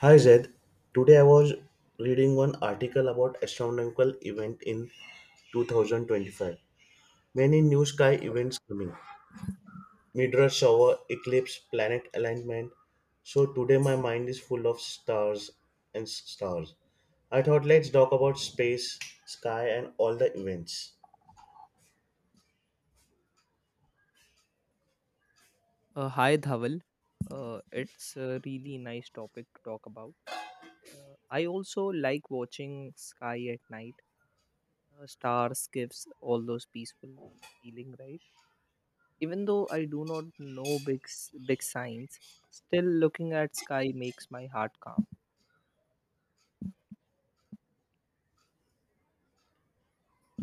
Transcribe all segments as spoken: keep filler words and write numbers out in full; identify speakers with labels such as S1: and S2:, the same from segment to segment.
S1: Hi Zed, today I was reading one article about astronomical event in two thousand twenty-five. Many new sky events coming. Meteor shower, eclipse, planet alignment. So today my mind is full of stars and s- stars. I thought let's talk about space, sky and all the events.
S2: Uh, hi Dhaval. Uh, it's a really nice topic to talk about. Uh, I also like watching sky at night. Uh, stars gives all those peaceful feeling, right? Even though I do not know big s- big signs, still looking at sky makes my heart calm.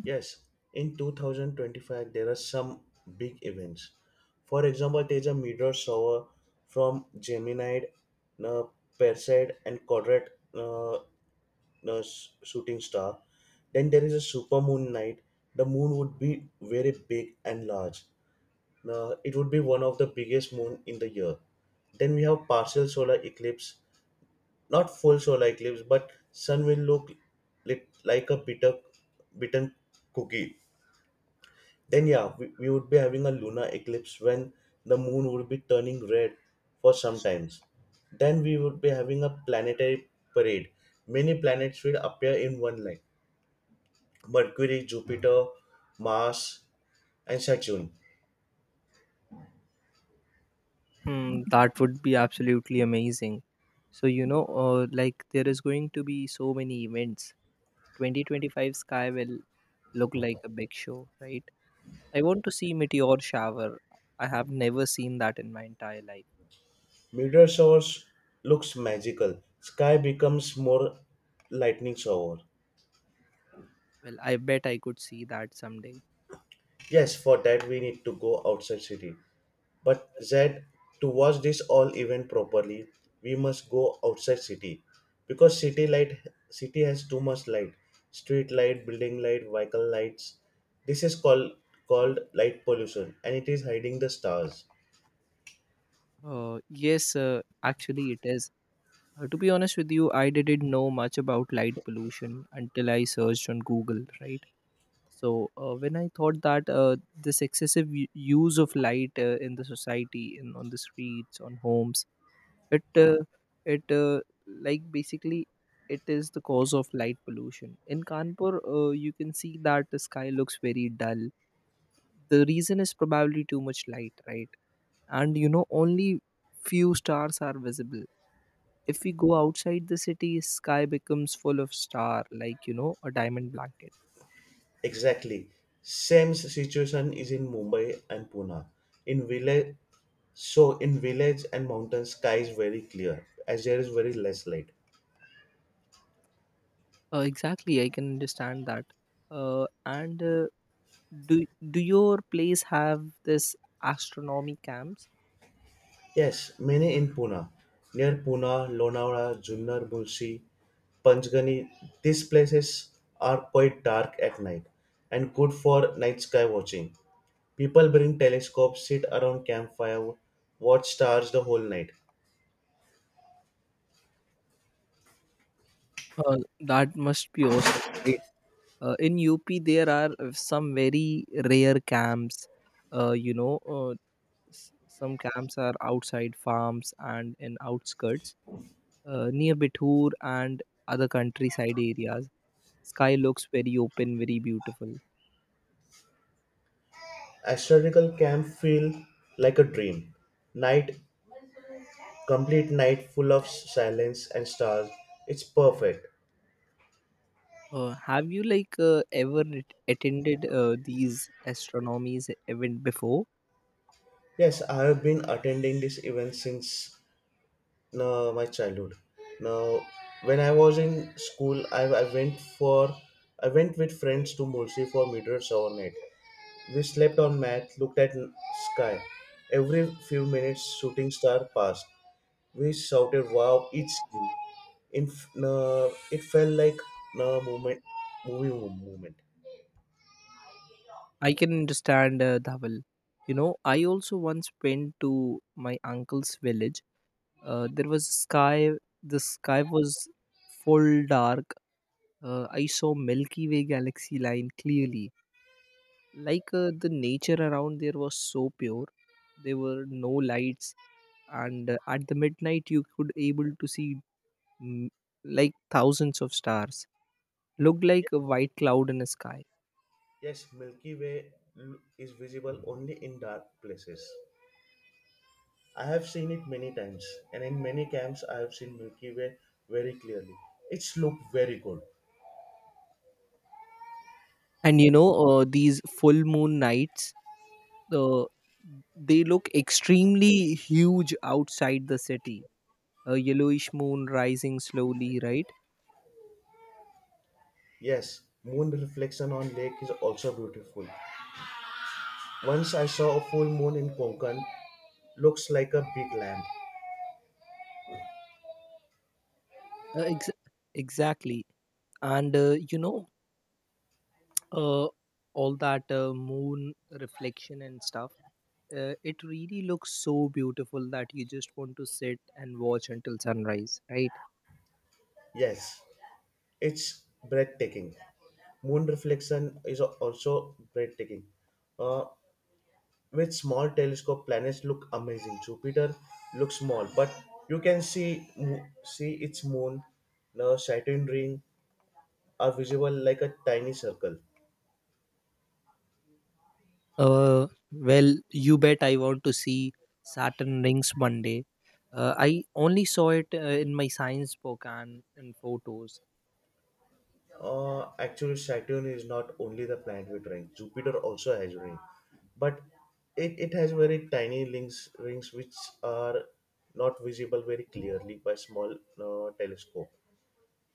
S1: Yes, in two thousand twenty-five, there are some big events. For example, there is a meteor shower from Gemini, uh, Perseid, and Quadrant uh, uh, s- shooting star. Then there is a supermoon night. The moon would be very big and large. Uh, it would be one of the biggest moon in the year. Then we have partial solar eclipse, not full solar eclipse, but sun will look lit- like a bitter, bitten cookie. Then yeah, we, we would be having a lunar eclipse when the moon would be turning red for some times. Then we would be having a planetary parade. Many planets will appear in one line: mercury, jupiter, mars and saturn.
S2: Hmm, that would be absolutely amazing. So you know, uh, like there is going to be so many events. twenty twenty-five sky will look like a big show, right? I want to see meteor shower. I have never seen that in my entire life.
S1: Meteor showers looks magical. Sky becomes more lightning shower.
S2: Well, I bet I could see that someday.
S1: Yes, for that we need to go outside city. But Zed, to watch this all event properly, we must go outside city because city light city has too much light, street light, building light, vehicle lights. This is called called light pollution, and it is hiding the stars.
S2: Uh, yes, uh, actually, it is. Uh, to be honest with you, I didn't know much about light pollution until I searched on Google, right? So, uh, when I thought that uh, this excessive u- use of light uh, in the society, in, on the streets, on homes, it uh, it uh, like basically it is the cause of light pollution in kanpur, uh, you can see that the sky looks very dull. The reason is probably too much light, right? And you know, only few stars are visible. If we go outside the city, sky becomes full of star, like you know, a diamond blanket.
S1: Exactly. Same situation is in Mumbai and Pune. In village, so in village and mountain, sky is very clear as there is very less light.
S2: Uh, exactly, I can understand that. Uh, and uh, do do your place have this astronomy camps?
S1: Yes, many in Pune. Near Pune, Lonavala, Junnar, Munshi, Panchgani, these places are quite dark at night and good for night sky watching. People bring telescopes, sit around campfire, watch stars the whole night.
S2: Uh, that must be awesome, right? Uh, in up there are uh, some very rare camps. Uh, you know uh, s- some camps are outside farms and in outskirts, uh, near Bithur and other countryside areas. Sky looks very open, very beautiful.
S1: Astronomical camp feel like a dream. Night, complete night full of silence and stars. It's perfect.
S2: Uh, have you like uh, ever at- attended uh, these astronomies event before?
S1: Yes, I have been attending this event since no, my childhood. Now, when I was in school, I, I went for I went with friends to Mulsi for meteors overnight. We slept on mat, looked at sky. Every few minutes, shooting star passed. We shouted "Wow!" each time. In uh, It felt like a moment, movie mo- moment.
S2: I can understand, uh, dhaval. You know, I also once went to my uncle's village. Uh, there was sky. The sky was full dark. Uh, I saw Milky Way galaxy line clearly. Like uh, the nature around there was so pure. There were no lights, and uh, at the midnight you could able to see mm, like thousands of stars. Looked like a white cloud in the sky.
S1: Yes, Milky Way l- is visible only in dark places. I have seen it many times, and in many camps, I have seen Milky Way very clearly. It's looked very good.
S2: And you know, uh, these full moon nights. The they look extremely huge outside the city, a yellowish moon rising slowly, right?
S1: Yes, moon reflection on lake is also beautiful. Once I saw a full moon in Konkan, looks like a big lamp.
S2: Uh, ex- exactly. And uh, you know, uh, all that uh, moon reflection and stuff, uh, it really looks so beautiful that you just want to sit and watch until sunrise, right?
S1: Yes, it's breathtaking. Moon reflection is also breathtaking. Uh, with small telescope, planets look amazing. Jupiter looks small, but you can see mo- see its moon, the Saturn ring, are visible like a tiny circle.
S2: Uh, well, you bet I want to see Saturn rings one day. Uh, I only saw it uh, in my science book and in photos.
S1: Uh, actually, Saturn is not only the planet with rings. Jupiter also has rings, but it, it has very tiny links, rings which are not visible very clearly by small uh, telescope.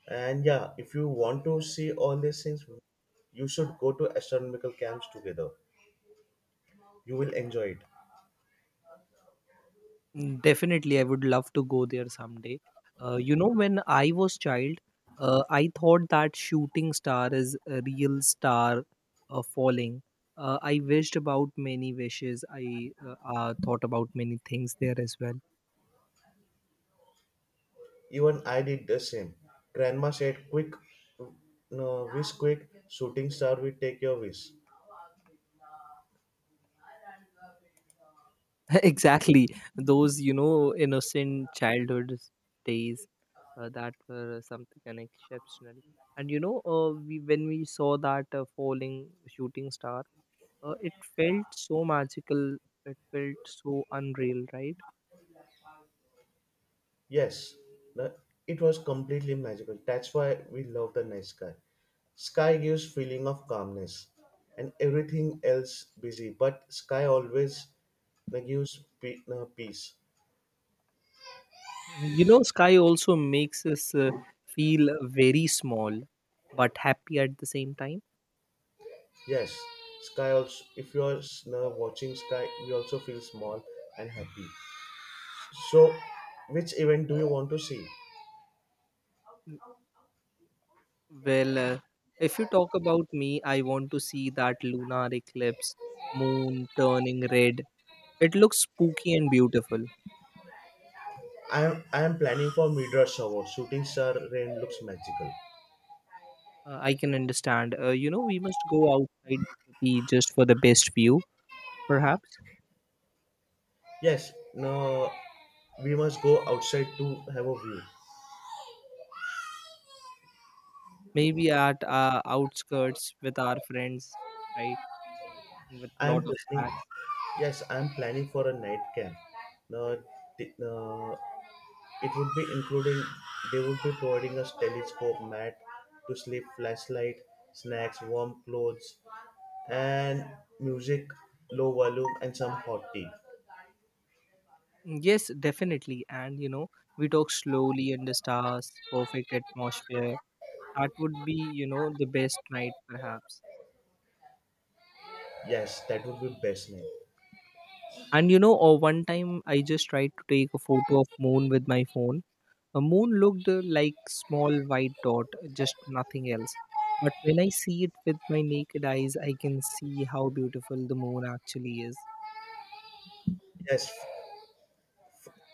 S1: And yeah, if you want to see all these things, you should go to astronomical camps together. You will enjoy it.
S2: Mm, definitely, I would love to go there someday. Uh, you know, when I was child, uh, I thought that shooting star is a real star uh, falling. Uh, I wished about many wishes. I uh, uh, thought about many things there as well.
S1: Even I did the same. Grandma said, "Quick, no, wish quick. Shooting star will take your wish."
S2: Exactly, those you know innocent childhood days, uh, that were something an exceptional. And you know, uh, we when we saw that uh, falling shooting star. Uh, it felt so magical. It felt so unreal, right?
S1: Yes, the, it was completely magical. That's why we love the night sky. Sky gives feeling of calmness, and everything else busy. But sky always uh, gives pe- uh, peace.
S2: You Mm, know, sky also makes us uh, feel very small, but happy at the same time.
S1: Yes, sky also. If you are uh, watching sky, we also feel small and happy. So, which event do you want to see?
S2: Mm, well, uh, if you talk about me, I want to see that lunar eclipse, moon turning red. It looks spooky and beautiful.
S1: I am I am planning for meteor shower. Shooting star rain looks magical.
S2: Uh, I can understand. Uh, you know, we must go outside the city just for the best view, perhaps.
S1: Yes, no, we must go outside to have a view.
S2: Maybe at uh, outskirts with our friends, right? And with
S1: I'm
S2: lot of
S1: planning.
S2: snacks.
S1: Yes, I'm planning for a night camp. Now, th- uh, it would be including. They would be providing us telescope mat to sleep, flashlight, snacks, warm clothes, and music, low volume, and some hot tea.
S2: Mm, yes, definitely. And you know, we talk slowly under stars, perfect atmosphere. That would be, you know, the best night perhaps.
S1: Yes, that would be best night.
S2: And you know, or one time I just tried to take a photo of moon with my phone. A moon looked uh, like small white dot, just nothing else. But when I see it with my naked eyes, I can see how beautiful the moon actually is.
S1: Yes,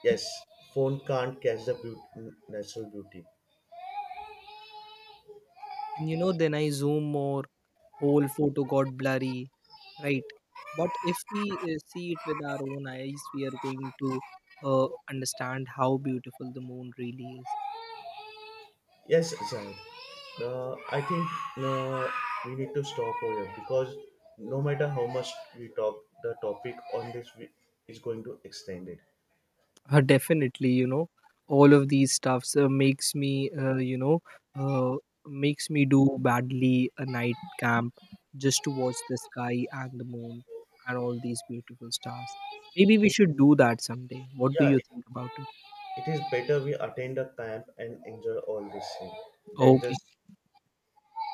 S1: yes. Phone can't catch the beauty, natural beauty.
S2: And you know, then I zoom more, whole photo got blurry, right? But if we uh, see it with our own eyes, we are going to uh, understand how beautiful the moon really is.
S1: Yes, Zaid. Uh, I think uh, we need to stop over here because no matter how much we talk, the topic on this we- is going to extend it.
S2: Uh, definitely, you know, all of these stuffs uh, makes me, uh, you know, uh, makes me do badly a night camp just to watch the sky and the moon and all these beautiful stars. Maybe we
S1: It-
S2: should do that someday. What do
S1: yeah,
S2: you
S1: it,
S2: think about it?
S1: it is better we attend a camp and enjoy all this thing than
S2: Okay.
S1: just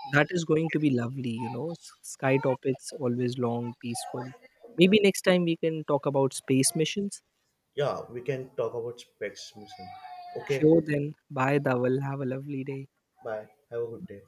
S2: That is going to be lovely, you know. s- Sky topics always long, peaceful. Maybe next time we can talk about space missions.
S1: yeah. We can talk about specs, missing. Okay,
S2: Sure, then. Bye, Dawal. Have a lovely day.
S1: bye. Have a good day.